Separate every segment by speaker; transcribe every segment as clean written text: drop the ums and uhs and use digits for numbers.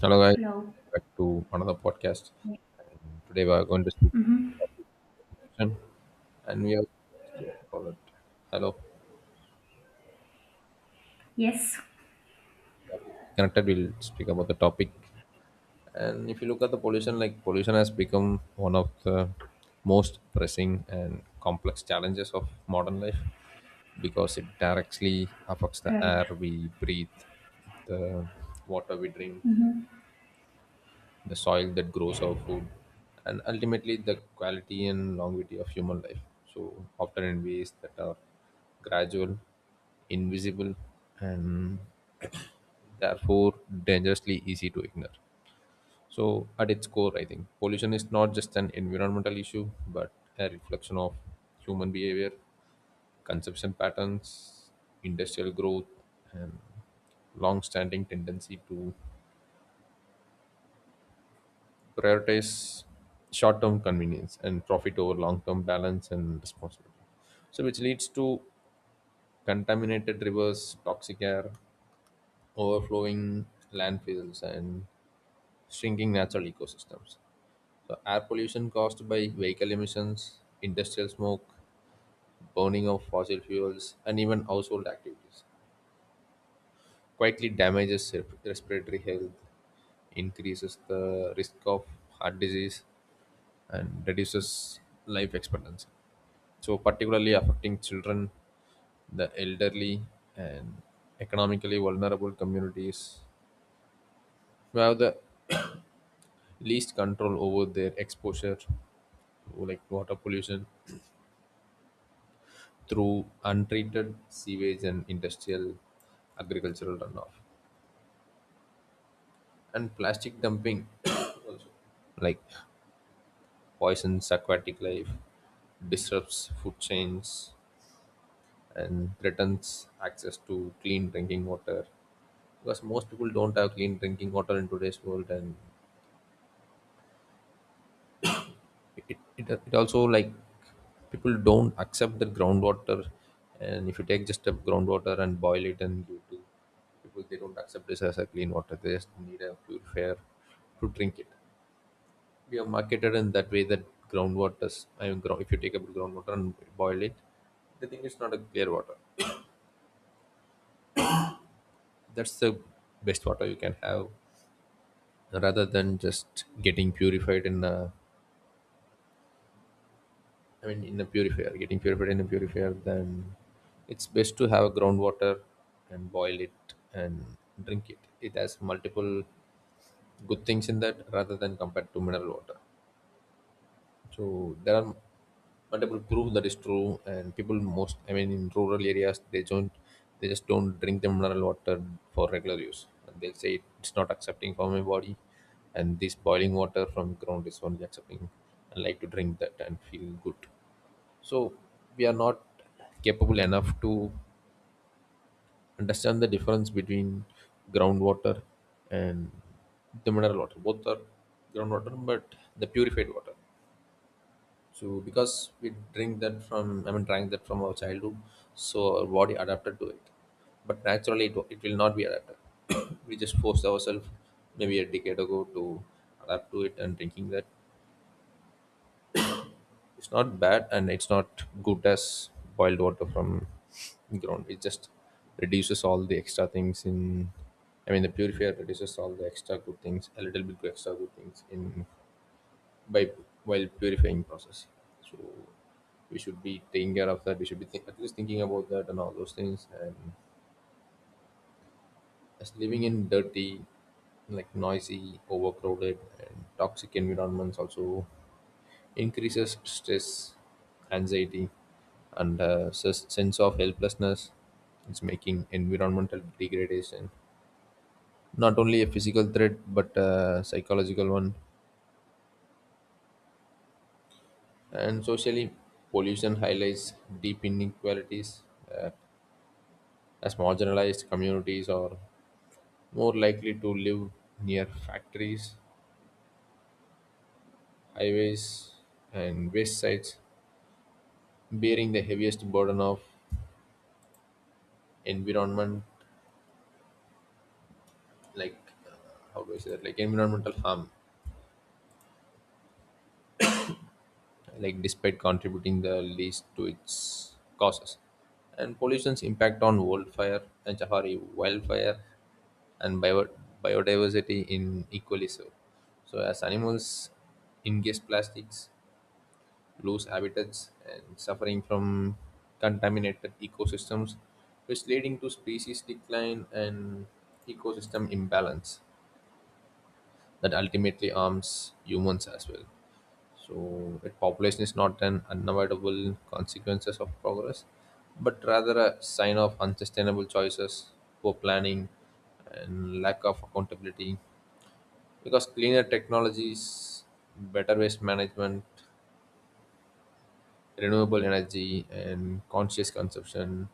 Speaker 1: Hello, guys.
Speaker 2: Hello.
Speaker 1: Back to another podcast. Today we are going to speak
Speaker 2: Mm-hmm.
Speaker 1: nutrition, and we are here for that. Hello,
Speaker 2: Yes.
Speaker 1: connected. We'll speak about the topic. And if you look at the pollution, like pollution has become one of the most pressing and complex challenges of modern life because it directly affects the
Speaker 2: Right.
Speaker 1: air we breathe, the water we drink,
Speaker 2: Mm-hmm.
Speaker 1: the soil that grows our food, and ultimately the quality and longevity of human life. So, often in ways that are gradual, invisible, and therefore dangerously easy to ignore. So, at its core, I think pollution is not just an environmental issue but a reflection of human behavior, consumption patterns, industrial growth, and long standing tendency to prioritize short-term convenience and profit over long-term balance and responsibility. So, which leads to contaminated rivers, toxic air, overflowing landfills, and shrinking natural ecosystems. So, air pollution caused by vehicle emissions, industrial smoke, burning of fossil fuels, and even household activities quietly damages respiratory health, increases the risk of heart disease and reduces life expectancy. So, particularly affecting children, the elderly, and economically vulnerable communities who have the least control over their exposure to, like, water pollution through untreated sewage and industrial agricultural runoff and plastic dumping also, like, poisons aquatic life, disrupts food chains, and threatens access to clean drinking water because most people don't have clean drinking water in today's world. And it also, like, people don't accept the groundwater. And if you take just a groundwater and boil it and give it to people, they don't accept this as a clean water. They just need a purifier to drink it. We have marketed in that way that groundwater, I mean, if you take up groundwater and boil it, they think it's not a clear water. That's the best water you can have, rather than just getting purified in a, I mean, in a purifier, getting purified in a purifier. Then it's best to have groundwater and boil it and drink it. It has multiple good things in that, rather than compared to mineral water. So there are multiple proof that is true, and people most, I mean, in rural areas they don't, they just don't drink the mineral water for regular use. And they'll say it's not accepting for my body, and this boiling water from ground is only accepting. I like to drink that and feel good. So we are not capable enough to understand the difference between groundwater and the mineral water. Both are groundwater, but the purified water. So because we drink that from, I mean, drank that from our childhood, so our body adapted to it. But naturally, it, it will not be adapted. We just forced ourselves maybe a decade ago to adapt to it and drinking that. It's not bad and it's not good as boiled water from ground. It just reduces all the extra things in. I mean, the purifier reduces all the extra good things, a little bit extra good things in, by while purifying process. So we should be taking care of that. We should be think, at least thinking about that and all those things. And as living in dirty, like noisy, overcrowded and toxic environments also increases stress, anxiety, and sense of helplessness. It's making environmental degradation not only a physical threat but a psychological one. And socially, pollution highlights deep inequalities, uh, as marginalized communities are more likely to live near factories, highways, and waste sites, bearing the heaviest burden of environment, like, uh, how do I say that, like environmental harm, like despite contributing the least to its causes. And pollution's impact on wildfire and Chahari wildfire and biodiversity in equally so. So as animals ingest plastics, lose habitats and suffering from contaminated ecosystems, which leading to species decline and ecosystem imbalance that ultimately harms humans as well. So, it population is not an unavoidable consequences of progress, but rather a sign of unsustainable choices, poor planning, and lack of accountability. Because cleaner technologies, better waste management, renewable energy and conscious consumption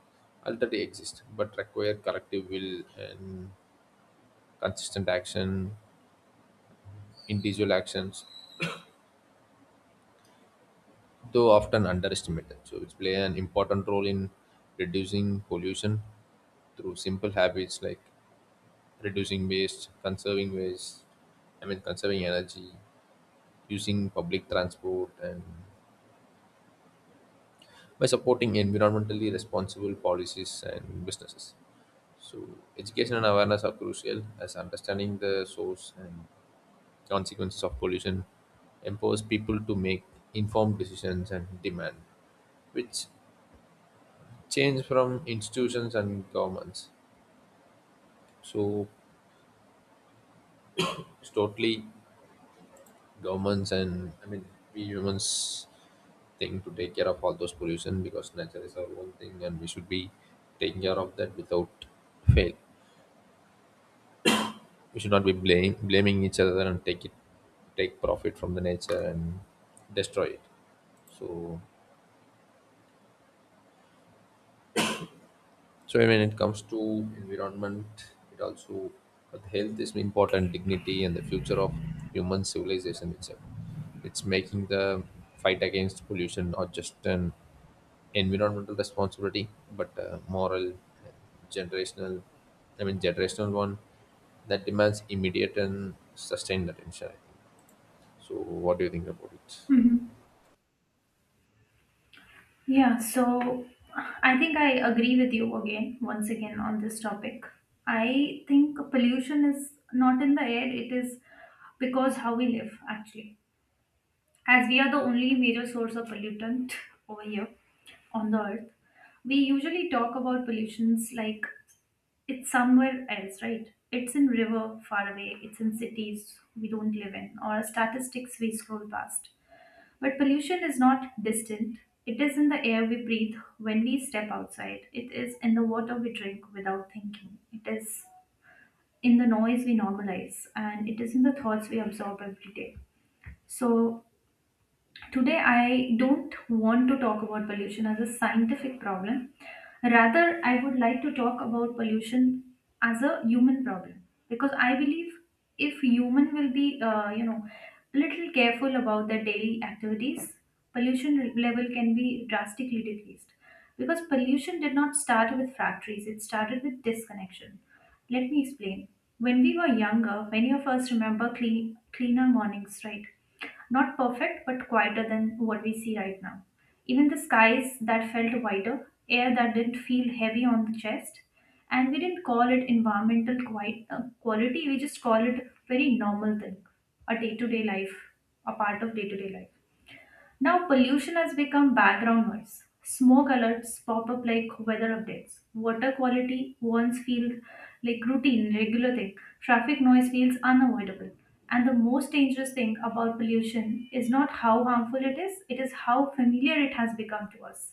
Speaker 1: already exist but require collective will and consistent action. Individual actions, though often underestimated, so it play an important role in reducing pollution through simple habits like reducing waste, conserving waste, I mean, conserving energy, using public transport and by supporting environmentally responsible policies and businesses. So, education and awareness are crucial as understanding the source and consequences of pollution empowers people to make informed decisions and demand, which change from institutions and governments. So, it's totally governments and, I mean, we humans thing to take care of all those pollution because nature is our own thing, and we should be taking care of that without fail. We should not be blaming each other and take it, take profit from the nature and destroy it. So so when it comes to environment, it also, but health is important, dignity and the future of human civilization itself. It's making the fight against pollution not just an environmental responsibility but a moral, generational, I mean, generational one that demands immediate and sustained attention, I think. So what do you think about it?
Speaker 2: Mm-hmm. Yeah. So, I think I agree with you again, once again, on this topic. I think pollution is not in the air, it is because how we live, actually. As we are the only major source of pollutant over here on the earth, we usually talk about pollutions like it's somewhere else, right? It's in river far away, it's in cities we don't live in, or statistics we scroll past. But pollution is not distant. It is in the air we breathe when we step outside. It is in the water we drink without thinking. It is in the noise we normalize. And it is in the thoughts we absorb every day. So, Today, I don't want to talk about pollution as a scientific problem. Rather, I would like to talk about pollution as a human problem because I believe if human will be, you know, a little careful about their daily activities, pollution level can be drastically decreased. Because pollution did not start with factories; it started with disconnection. Let me explain. When we were younger, many of us remember cleaner mornings, right? Not perfect, but quieter than what we see right now. Even the skies that felt wider, air that didn't feel heavy on the chest, and we didn't call it environmental quality, we just call it very normal thing, a day to day life, a part of day to day life. Now, pollution has become background noise. Smoke alerts pop up like weather updates. Water quality once feels like routine, regular thing. Traffic noise feels unavoidable. And the most dangerous thing about pollution is not how harmful it is how familiar it has become to us.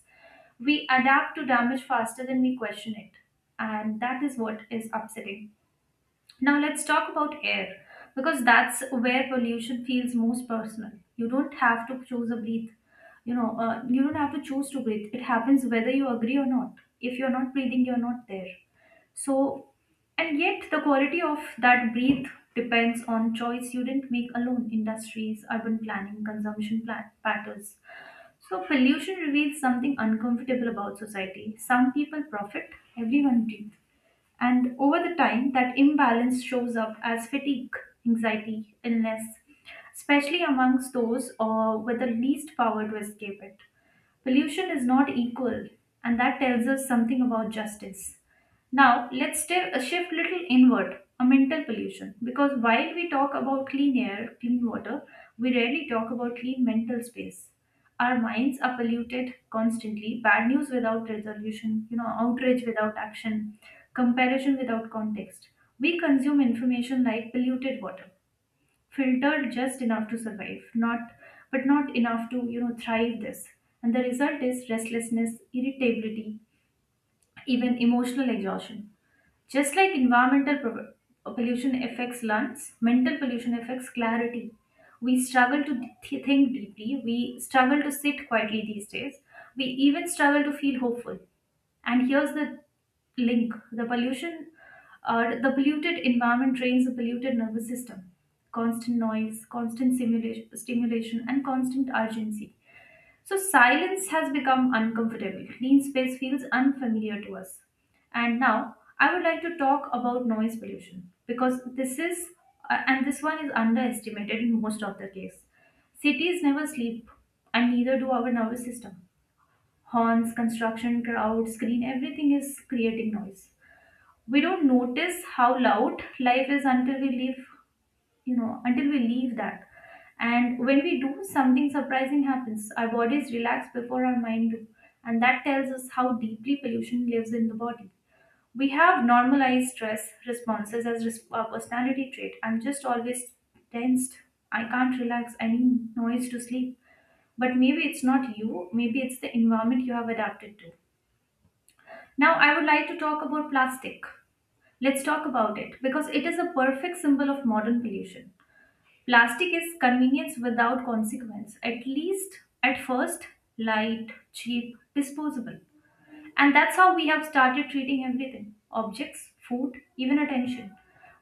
Speaker 2: We adapt to damage faster than we question it. And that is what is upsetting. Now let's talk about air because that's where pollution feels most personal. You don't have to choose a breathe. You don't have to choose to breathe. It happens whether you agree or not. If you're not breathing, you're not there. So, and yet the quality of that breathe depends on choice you didn't make alone. Industries, urban planning, patterns. So pollution reveals something uncomfortable about society. Some people profit, everyone breathes. And over the time, that imbalance shows up as fatigue, anxiety, illness, especially amongst those with the least power to escape it. Pollution is not equal, and that tells us something about justice. Now, let's shift little inward, a mental pollution, because while we talk about clean air, clean water, we rarely talk about clean mental space. Our minds are polluted constantly. Bad news without resolution, you know, outrage without action, comparison without context. We consume information like polluted water, filtered just enough to survive, not but not enough to, you know, thrive this. And the result is restlessness, irritability, even emotional exhaustion. Just like environmental pollution affects lungs, mental pollution affects clarity. We think deeply, we struggle to sit quietly these days, we even struggle to feel hopeful. And here's the link the pollution or the polluted environment trains the polluted nervous system. Constant noise, stimulation, and constant urgency so silence has become uncomfortable. Clean space feels unfamiliar to us. And now I would like to talk about noise pollution because this one is underestimated in most of the case. Cities never sleep and neither do our nervous system. Horns, construction, crowds, screen, everything is creating noise. We don't notice how loud life is until we leave that and when we do something surprising happens our bodies relax before our mind do and that tells us how deeply pollution lives in the body we have normalized stress responses as a personality trait. I'm just always tensed. I can't relax. I need noise to sleep. But maybe it's not you. Maybe it's the environment you have adapted to. Now, I would like to talk about plastic. Let's talk about it because it is a perfect symbol of modern pollution. Plastic is convenience without consequence, at least at first, light, cheap, disposable. And that's how we have started treating everything objects, food, even attention.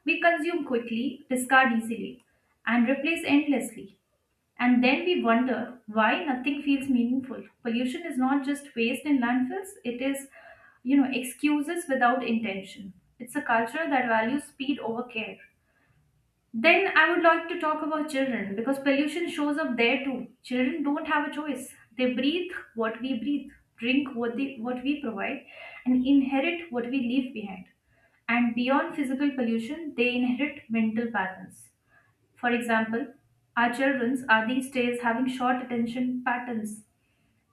Speaker 2: We consume quickly, discard easily, and replace endlessly. And then we wonder why nothing feels meaningful. Pollution is not just waste in landfills, it is, you know, excuses without intention. It's a culture that values speed over care. Then I would like to talk about children because pollution shows up there too. Children don't have a choice. They breathe what we breathe, drink what we provide, and inherit what we leave behind. And beyond physical pollution, they inherit mental patterns. For example, our children are these days having short attention patterns.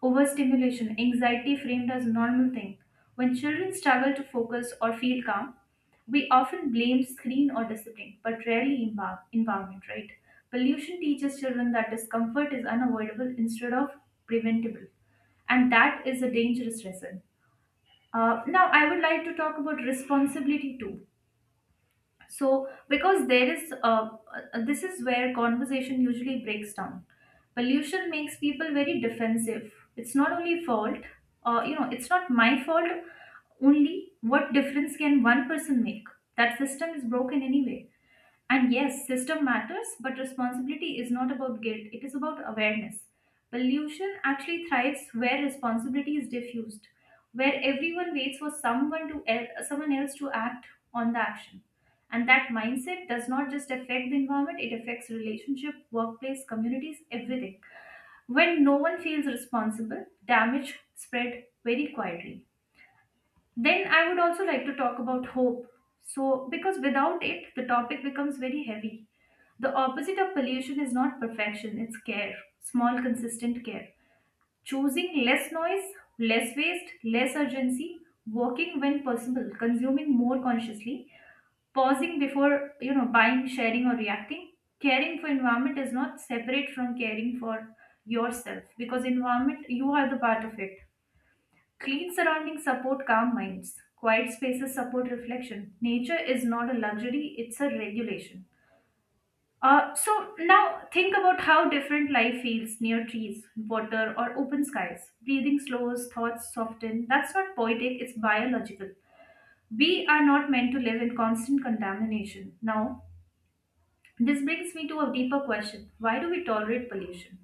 Speaker 2: Overstimulation, anxiety framed as a normal thing. When children struggle to focus or feel calm, we often blame screen or discipline, but rarely environment, right? Pollution teaches children that discomfort is unavoidable instead of preventable, and that is a dangerous lesson. Now, I would like to talk about responsibility too so because there is this is where conversation usually breaks down pollution makes people very defensive it's not only fault you know it's not my fault only what difference can one person make that system is broken anyway and yes, system matters, but responsibility is not about guilt, it is about awareness. Pollution actually thrives where responsibility is diffused, where everyone waits for someone else to act on the action. And that mindset does not just affect the environment, it affects relationship, workplace, communities, everything. When no one feels responsible, damage spread very quietly. Then I would also like to talk about hope. So, because without it, the topic becomes very heavy. The opposite of pollution is not perfection, it's care, small, consistent care. Choosing less noise, less waste, less urgency, working when possible, consuming more consciously, pausing before, you know, buying, sharing or reacting. Caring for environment is not separate from caring for yourself because environment you are the part of it. Clean surroundings support calm minds. Quiet spaces support reflection. Nature is not a luxury, it's a regulation. So now think about how different life feels near trees, water, or open skies. Breathing slows, thoughts soften. That's not poetic, it's biological. We are not meant to live in constant contamination. Now, this brings me to a deeper question why do we tolerate pollution?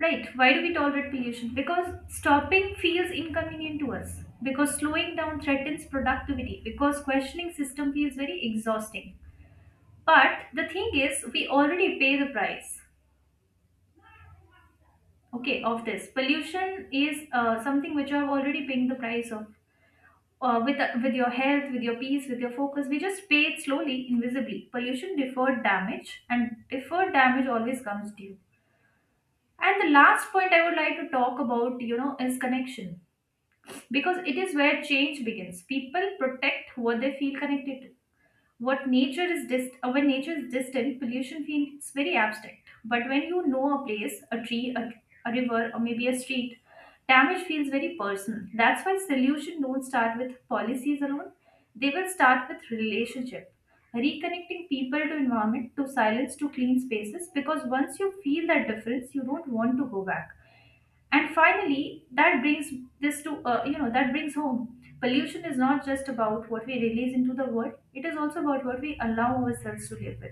Speaker 2: Right. Why do we tolerate pollution? Because stopping feels inconvenient to us. Because slowing down threatens productivity. Because questioning system feels very exhausting. But the thing is, we already pay the price. Okay, of this pollution is something which you have already paying the price of. With with your health, with your peace, with your focus, we just pay it slowly, invisibly. Pollution deferred damage, and deferred damage always comes due. And the last point I would like to talk about, you know, is connection because it is where change begins. People protect what they feel connected to. What nature is dist- when nature is distant, pollution feels very abstract. But when you know a place, a tree, a river, or maybe a street, damage feels very personal. That's why solution don't start with policies alone. They will start with relationship. Reconnecting people to environment, to silence, to clean spaces, because once you feel that difference, you don't want to go back and finally that brings this to you know that brings home pollution is not just about what we release into the world it is also about what we allow ourselves to live with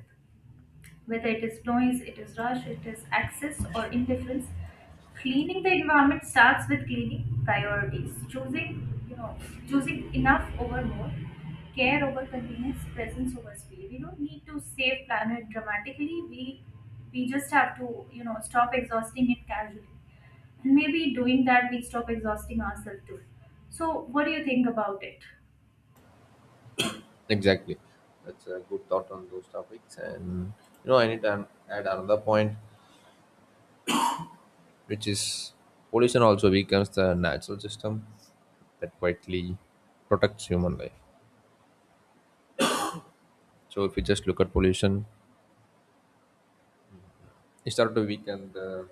Speaker 2: whether it is noise, it is rush, it is access or indifference. Cleaning the environment starts with cleaning priorities, choosing, you know, choosing enough over more, care over convenience, presence over speed. We don't need to save planet dramatically. We just have to, you know, stop exhausting it casually. And maybe doing that we stop exhausting ourselves too. So what do you think about it?
Speaker 1: Exactly. That's a good thought on those topics. And you know, I need to add another point, which is pollution also becomes the natural system that quietly protects human life. So if you just look at pollution, it started to weaken the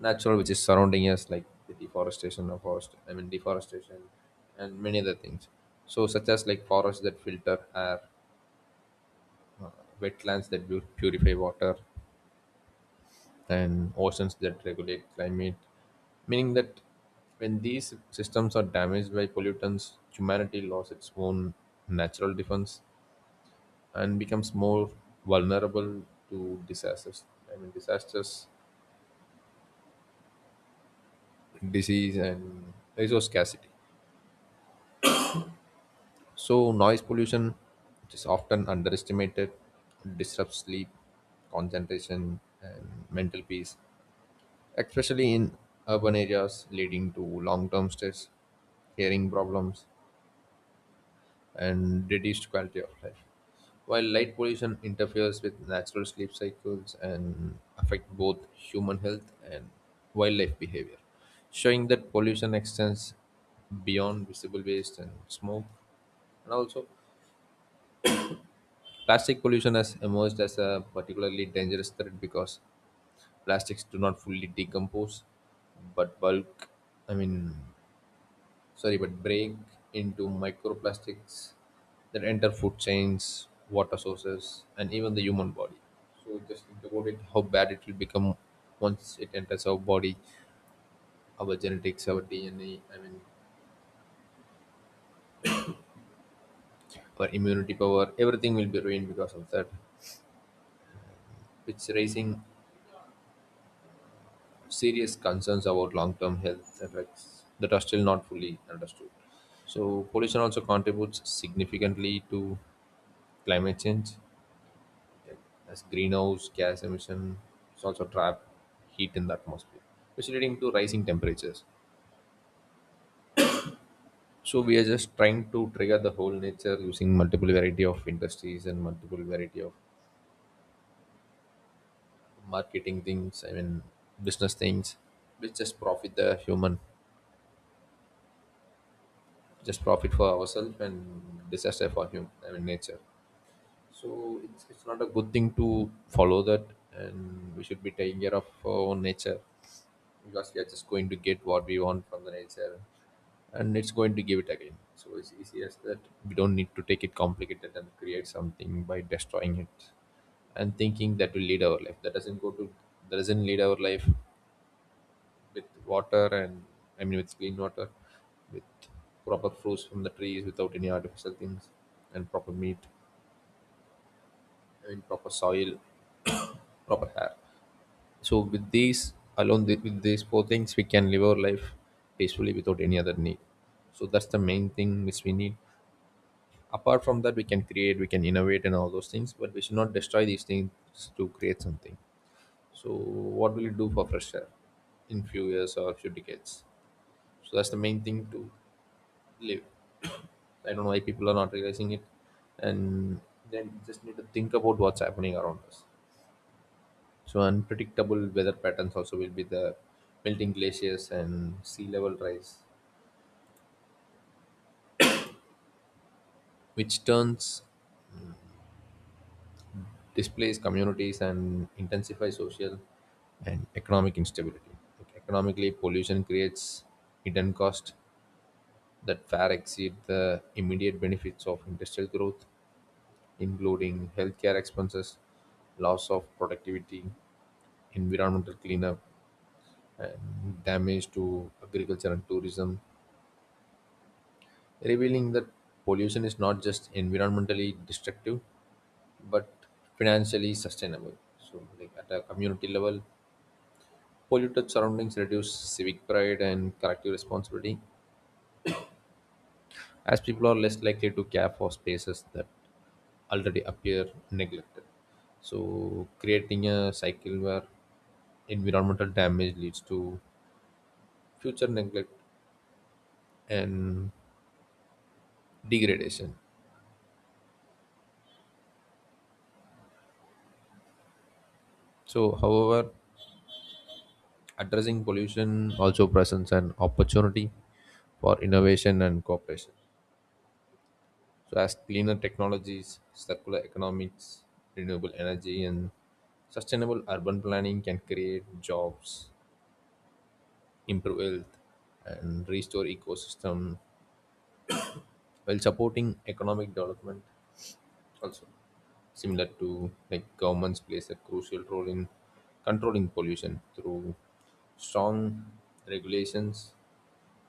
Speaker 1: natural which is surrounding us, like the deforestation of forest, I mean, deforestation, and many other things. So such as like forests that filter air, wetlands that purify water, and oceans that regulate climate, meaning that when these systems are damaged by pollutants, humanity loses its own natural defense and becomes more vulnerable to disasters. I mean, disasters, disease, and resource scarcity. So, noise pollution, which is often underestimated, disrupts sleep, concentration, and mental peace, especially in urban areas, leading to long term stress, hearing problems, and reduced quality of life. While light pollution interferes with natural sleep cycles and affect both human health and wildlife behavior, showing that pollution extends beyond visible waste and smoke. And also, plastic pollution has emerged as a particularly dangerous threat because plastics do not fully decompose, but bulk, I mean, sorry, but break into microplastics that enter food chains, water sources, and even the human body. So just think about it, how bad it will become once it enters our body, our genetics, our DNA, I mean, our immunity power, everything will be ruined because of that. It's raising serious concerns about long-term health effects that are still not fully understood. So pollution also contributes significantly to climate change as greenhouse gas emission is also trap heat in the atmosphere, which is leading to rising temperatures. So we are just trying to trigger the whole nature using multiple variety of industries and multiple variety of marketing things. I mean, business things, which just profit the human, just profit for ourselves and disaster for human. I mean, nature. So it's not a good thing to follow that, and we should be taking care of our own nature because we are just going to get what we want from the nature, and it's going to give it again. So it's easy as that. We don't need to take it complicated and create something by destroying it and thinking that will lead our life. That doesn't go to, that doesn't lead our life with water and, I mean, with clean water, with proper fruits from the trees without any artificial things and proper meat, I mean, proper soil, proper air. So with these alone, with these four things we can live our life peacefully without any other need. So that's the main thing which we need. Apart from that we can create, we can innovate and all those things, but we should not destroy these things to create something. So what will you do for fresh air in few years or few decades? So that's the main thing to live. I don't know why people are not realizing it. And then just need to think about what's happening around us. So unpredictable weather patterns also will be the melting glaciers and sea level rise, which turns displays communities and intensify social and economic instability. Like economically, pollution creates hidden costs that far exceed the immediate benefits of industrial growth, including healthcare expenses, loss of productivity, environmental cleanup, and damage to agriculture and tourism, revealing that pollution is not just environmentally destructive but financially sustainable. So, like at a community level, polluted surroundings reduce civic pride and collective responsibility, as people are less likely to care for spaces that already appear neglected. So, creating a cycle where environmental damage leads to future neglect and degradation. So, however, addressing pollution also presents an opportunity for innovation and cooperation. So as cleaner technologies, circular economics, renewable energy, and sustainable urban planning can create jobs, improve health, and restore ecosystem while supporting economic development also. Similar to like governments plays a crucial role in controlling pollution through strong regulations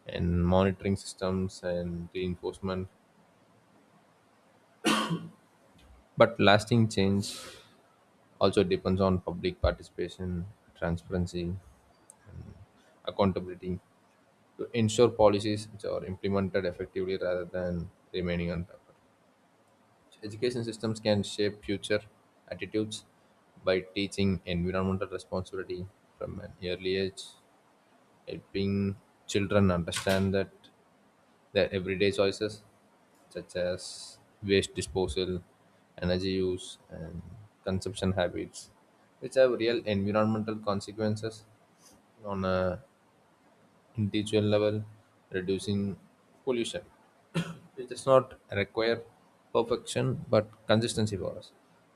Speaker 1: and monitoring systems and reinforcement. But lasting change also depends on public participation, transparency, accountability to ensure policies which are implemented effectively rather than remaining on paper. So education systems can shape future attitudes by teaching environmental responsibility from an early age, helping children understand that their everyday choices, such as waste disposal, energy use, and consumption habits, which have real environmental consequences on a individual level, reducing pollution. It does not require perfection but consistency for us.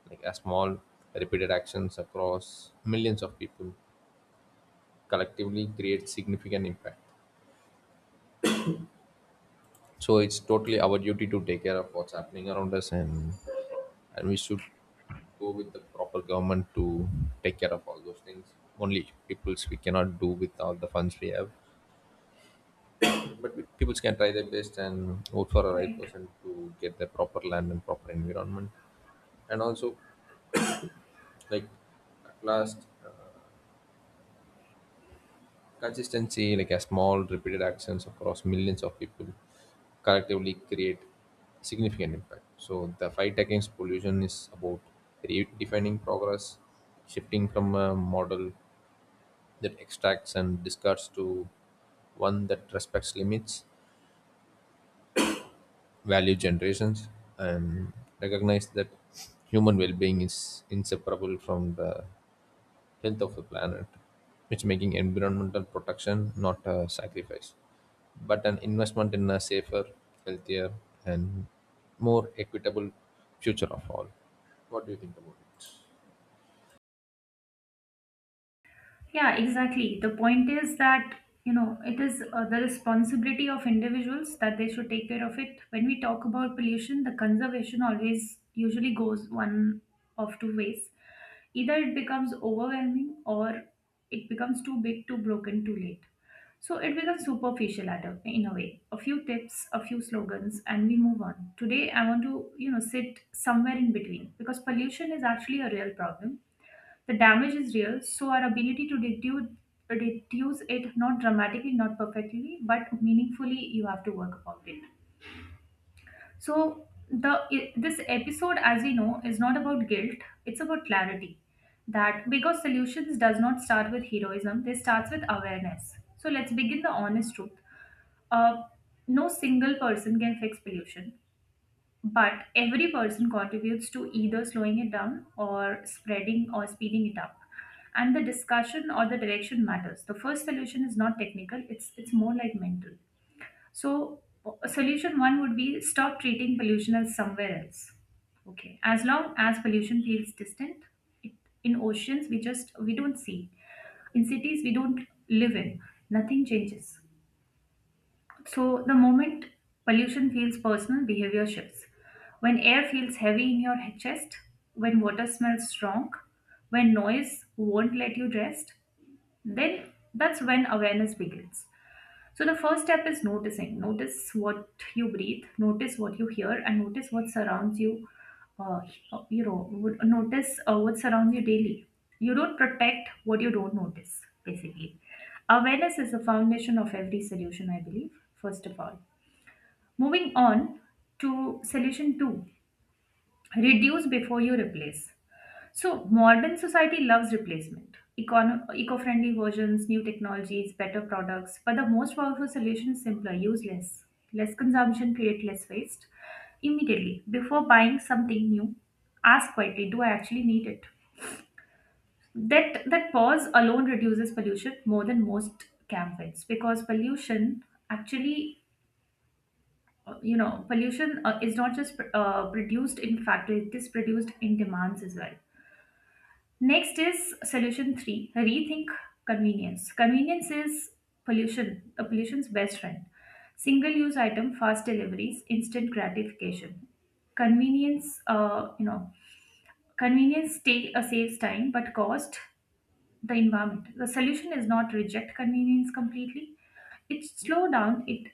Speaker 1: Like a small repeated actions across millions of people collectively create significant impact. So it's totally our duty to take care of what's happening around us. And we should go with the proper government to take care of all those things. Only peoples we cannot do with all the funds we have. But people can try their best and vote for the right
Speaker 2: Right.
Speaker 1: person to get the proper land and proper environment. And also, like at last, consistency, like a small repeated actions across millions of people, collectively create significant impact. So the fight against pollution is about redefining progress, shifting from a model that extracts and discards to one that respects limits, value generations and recognize that human well-being is inseparable from the health of the planet, which making environmental protection not a sacrifice but an investment in a safer, healthier, and more equitable future of all. What do you think about it?
Speaker 2: Yeah, exactly. The point is that, you know, it is the responsibility of individuals that they should take care of it. When we talk about pollution, the conservation always usually goes one of two ways. Either it becomes overwhelming or it becomes too big, too broken, too late. So it becomes superficial in a way. A few tips, a few slogans, and we move on. Today, I want to, you know, sit somewhere in between because pollution is actually a real problem the damage is real, so our ability to reduce it not dramatically, not perfectly, but meaningfully, you have to work about it. So the this episode, as we know, is not about guilt. It's about clarity. That because solutions does not start with heroism, they starts with awareness. So let's begin the honest truth. Uh, no single person can fix pollution. But every person contributes to either slowing it down or spreading or speeding it up. And the discussion or the direction matters. The first solution is not technical, it's more like mental. So Solution one would be stop treating pollution as somewhere else. Okay. As long as pollution feels distant, it, in oceans we don't see. In cities we don't live in, nothing changes. So, the moment pollution feels personal, behavior shifts. When air feels heavy in your chest, when water smells strong, when noise won't let you rest, then that's when awareness begins. So the first step is noticing. Notice what you breathe, notice what you hear, and notice what surrounds you. Uh, Notice what surrounds you daily. You don't protect what you don't notice, basically. Awareness is the foundation of every solution, I believe, first of all. Moving on to solution two reduce before you replace. So, modern society loves replacement, eco-friendly versions, new technologies, better products. But the most powerful solution is simpler: use less. Less consumption create less waste. Immediately before buying something new, ask quietly: Do I actually need it? That pause alone reduces pollution more than most campaigns because pollution actually. You know, pollution is not just produced in factories; it is produced in demands as well. Next is solution three rethink convenience. Convenience is pollution, a pollution's best friend. Single use item, fast deliveries, instant gratification. Convenience, uh, you know, convenience saves time but cost the environment. The solution is not reject convenience completely, it slow down it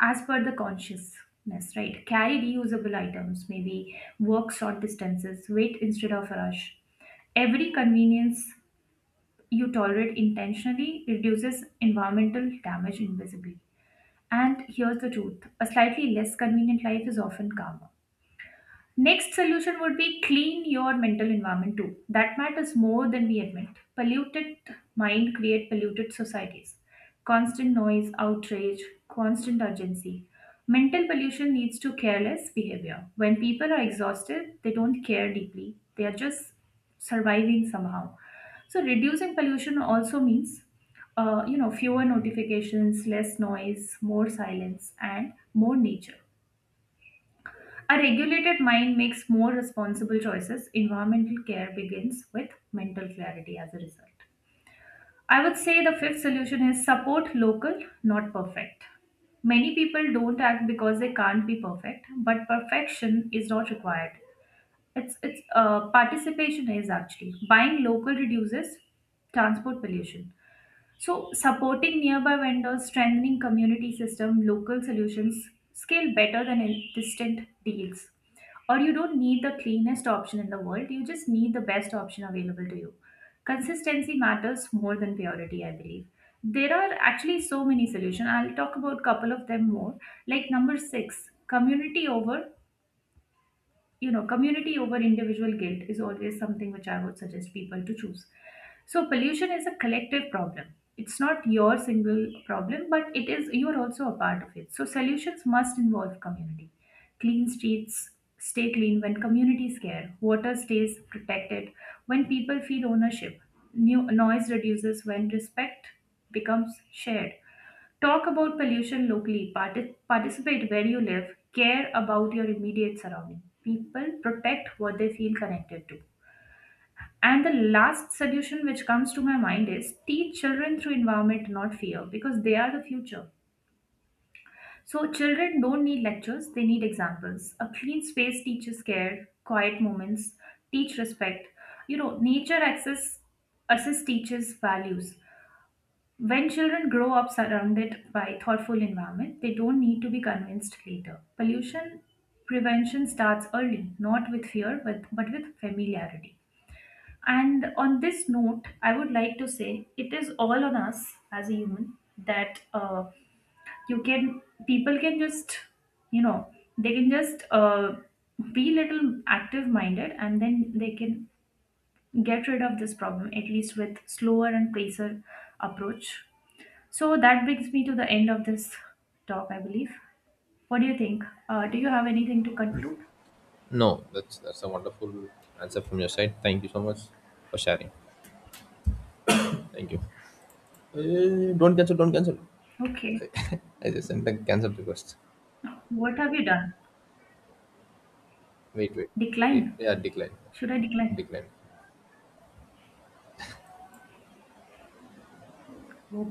Speaker 2: as per the consciousness, right? Carry reusable items, maybe work short distances, wait instead of rush every convenience you tolerate intentionally reduces environmental damage invisibly. And here's the truth a slightly less convenient life is often calmer. Next solution would be clean your mental environment too. That matters more than we admit. Polluted mind create polluted societies. Constant noise, outrage, constant urgency. Mental pollution leads to careless behavior. When people are exhausted, they don't care deeply. They are just surviving somehow. So reducing pollution also means fewer notifications, less noise, more silence and more nature, a regulated mind makes more responsible choices. Environmental care begins with mental clarity as a result. I would say the fifth solution is support local, not perfect. Many people don't act because they can't be perfect, but perfection is not required. It's Participation is actually buying local reduces transport pollution. So, supporting nearby vendors, strengthening community system, local solutions scale better than in distant deals. Or you don't need the cleanest option in the world, you just need the best option available to you. Consistency matters more than purity, I believe. There are actually so many solutions. I'll talk about couple of them more. Like number six, community over community over individual guilt is always something which I would suggest people to choose. So pollution is a collective problem, it's not your single problem, but it is, you are also a part of it. So solutions must involve community. Clean streets stay clean when communities care, water stays protected when people feel ownership, new noise reduces when respect becomes shared. Talk about pollution locally. Participate where you live. Care about your immediate surrounding. People protect what they feel connected to. And the last solution which comes to my mind is teach children through environment, not fear, because they are the future. So, children don't need lectures, they need examples. A clean space teaches care, quiet moments teach respect. Nature access assess teaches values. When children grow up surrounded by thoughtful environment, they don't need to be convinced later. Pollution prevention starts early, not with fear but with familiarity. And on this note, I would like to say it is all on us as a human, that you can people can just you know they can just uh, be little active minded and then they can get rid of this problem at least with slower and pacer approach. So that brings me to the end of this talk, I believe. What do you think? Uh, do you have anything to conclude?
Speaker 1: No, that's a wonderful answer from your side. Thank you so much for sharing. Thank you. Don't cancel, don't cancel.
Speaker 2: Okay.
Speaker 1: I just sent a cancel request.
Speaker 2: What have you done?
Speaker 1: Wait, wait.
Speaker 2: Decline?
Speaker 1: Yeah, decline.
Speaker 2: Should I decline?
Speaker 1: Decline.
Speaker 2: Oh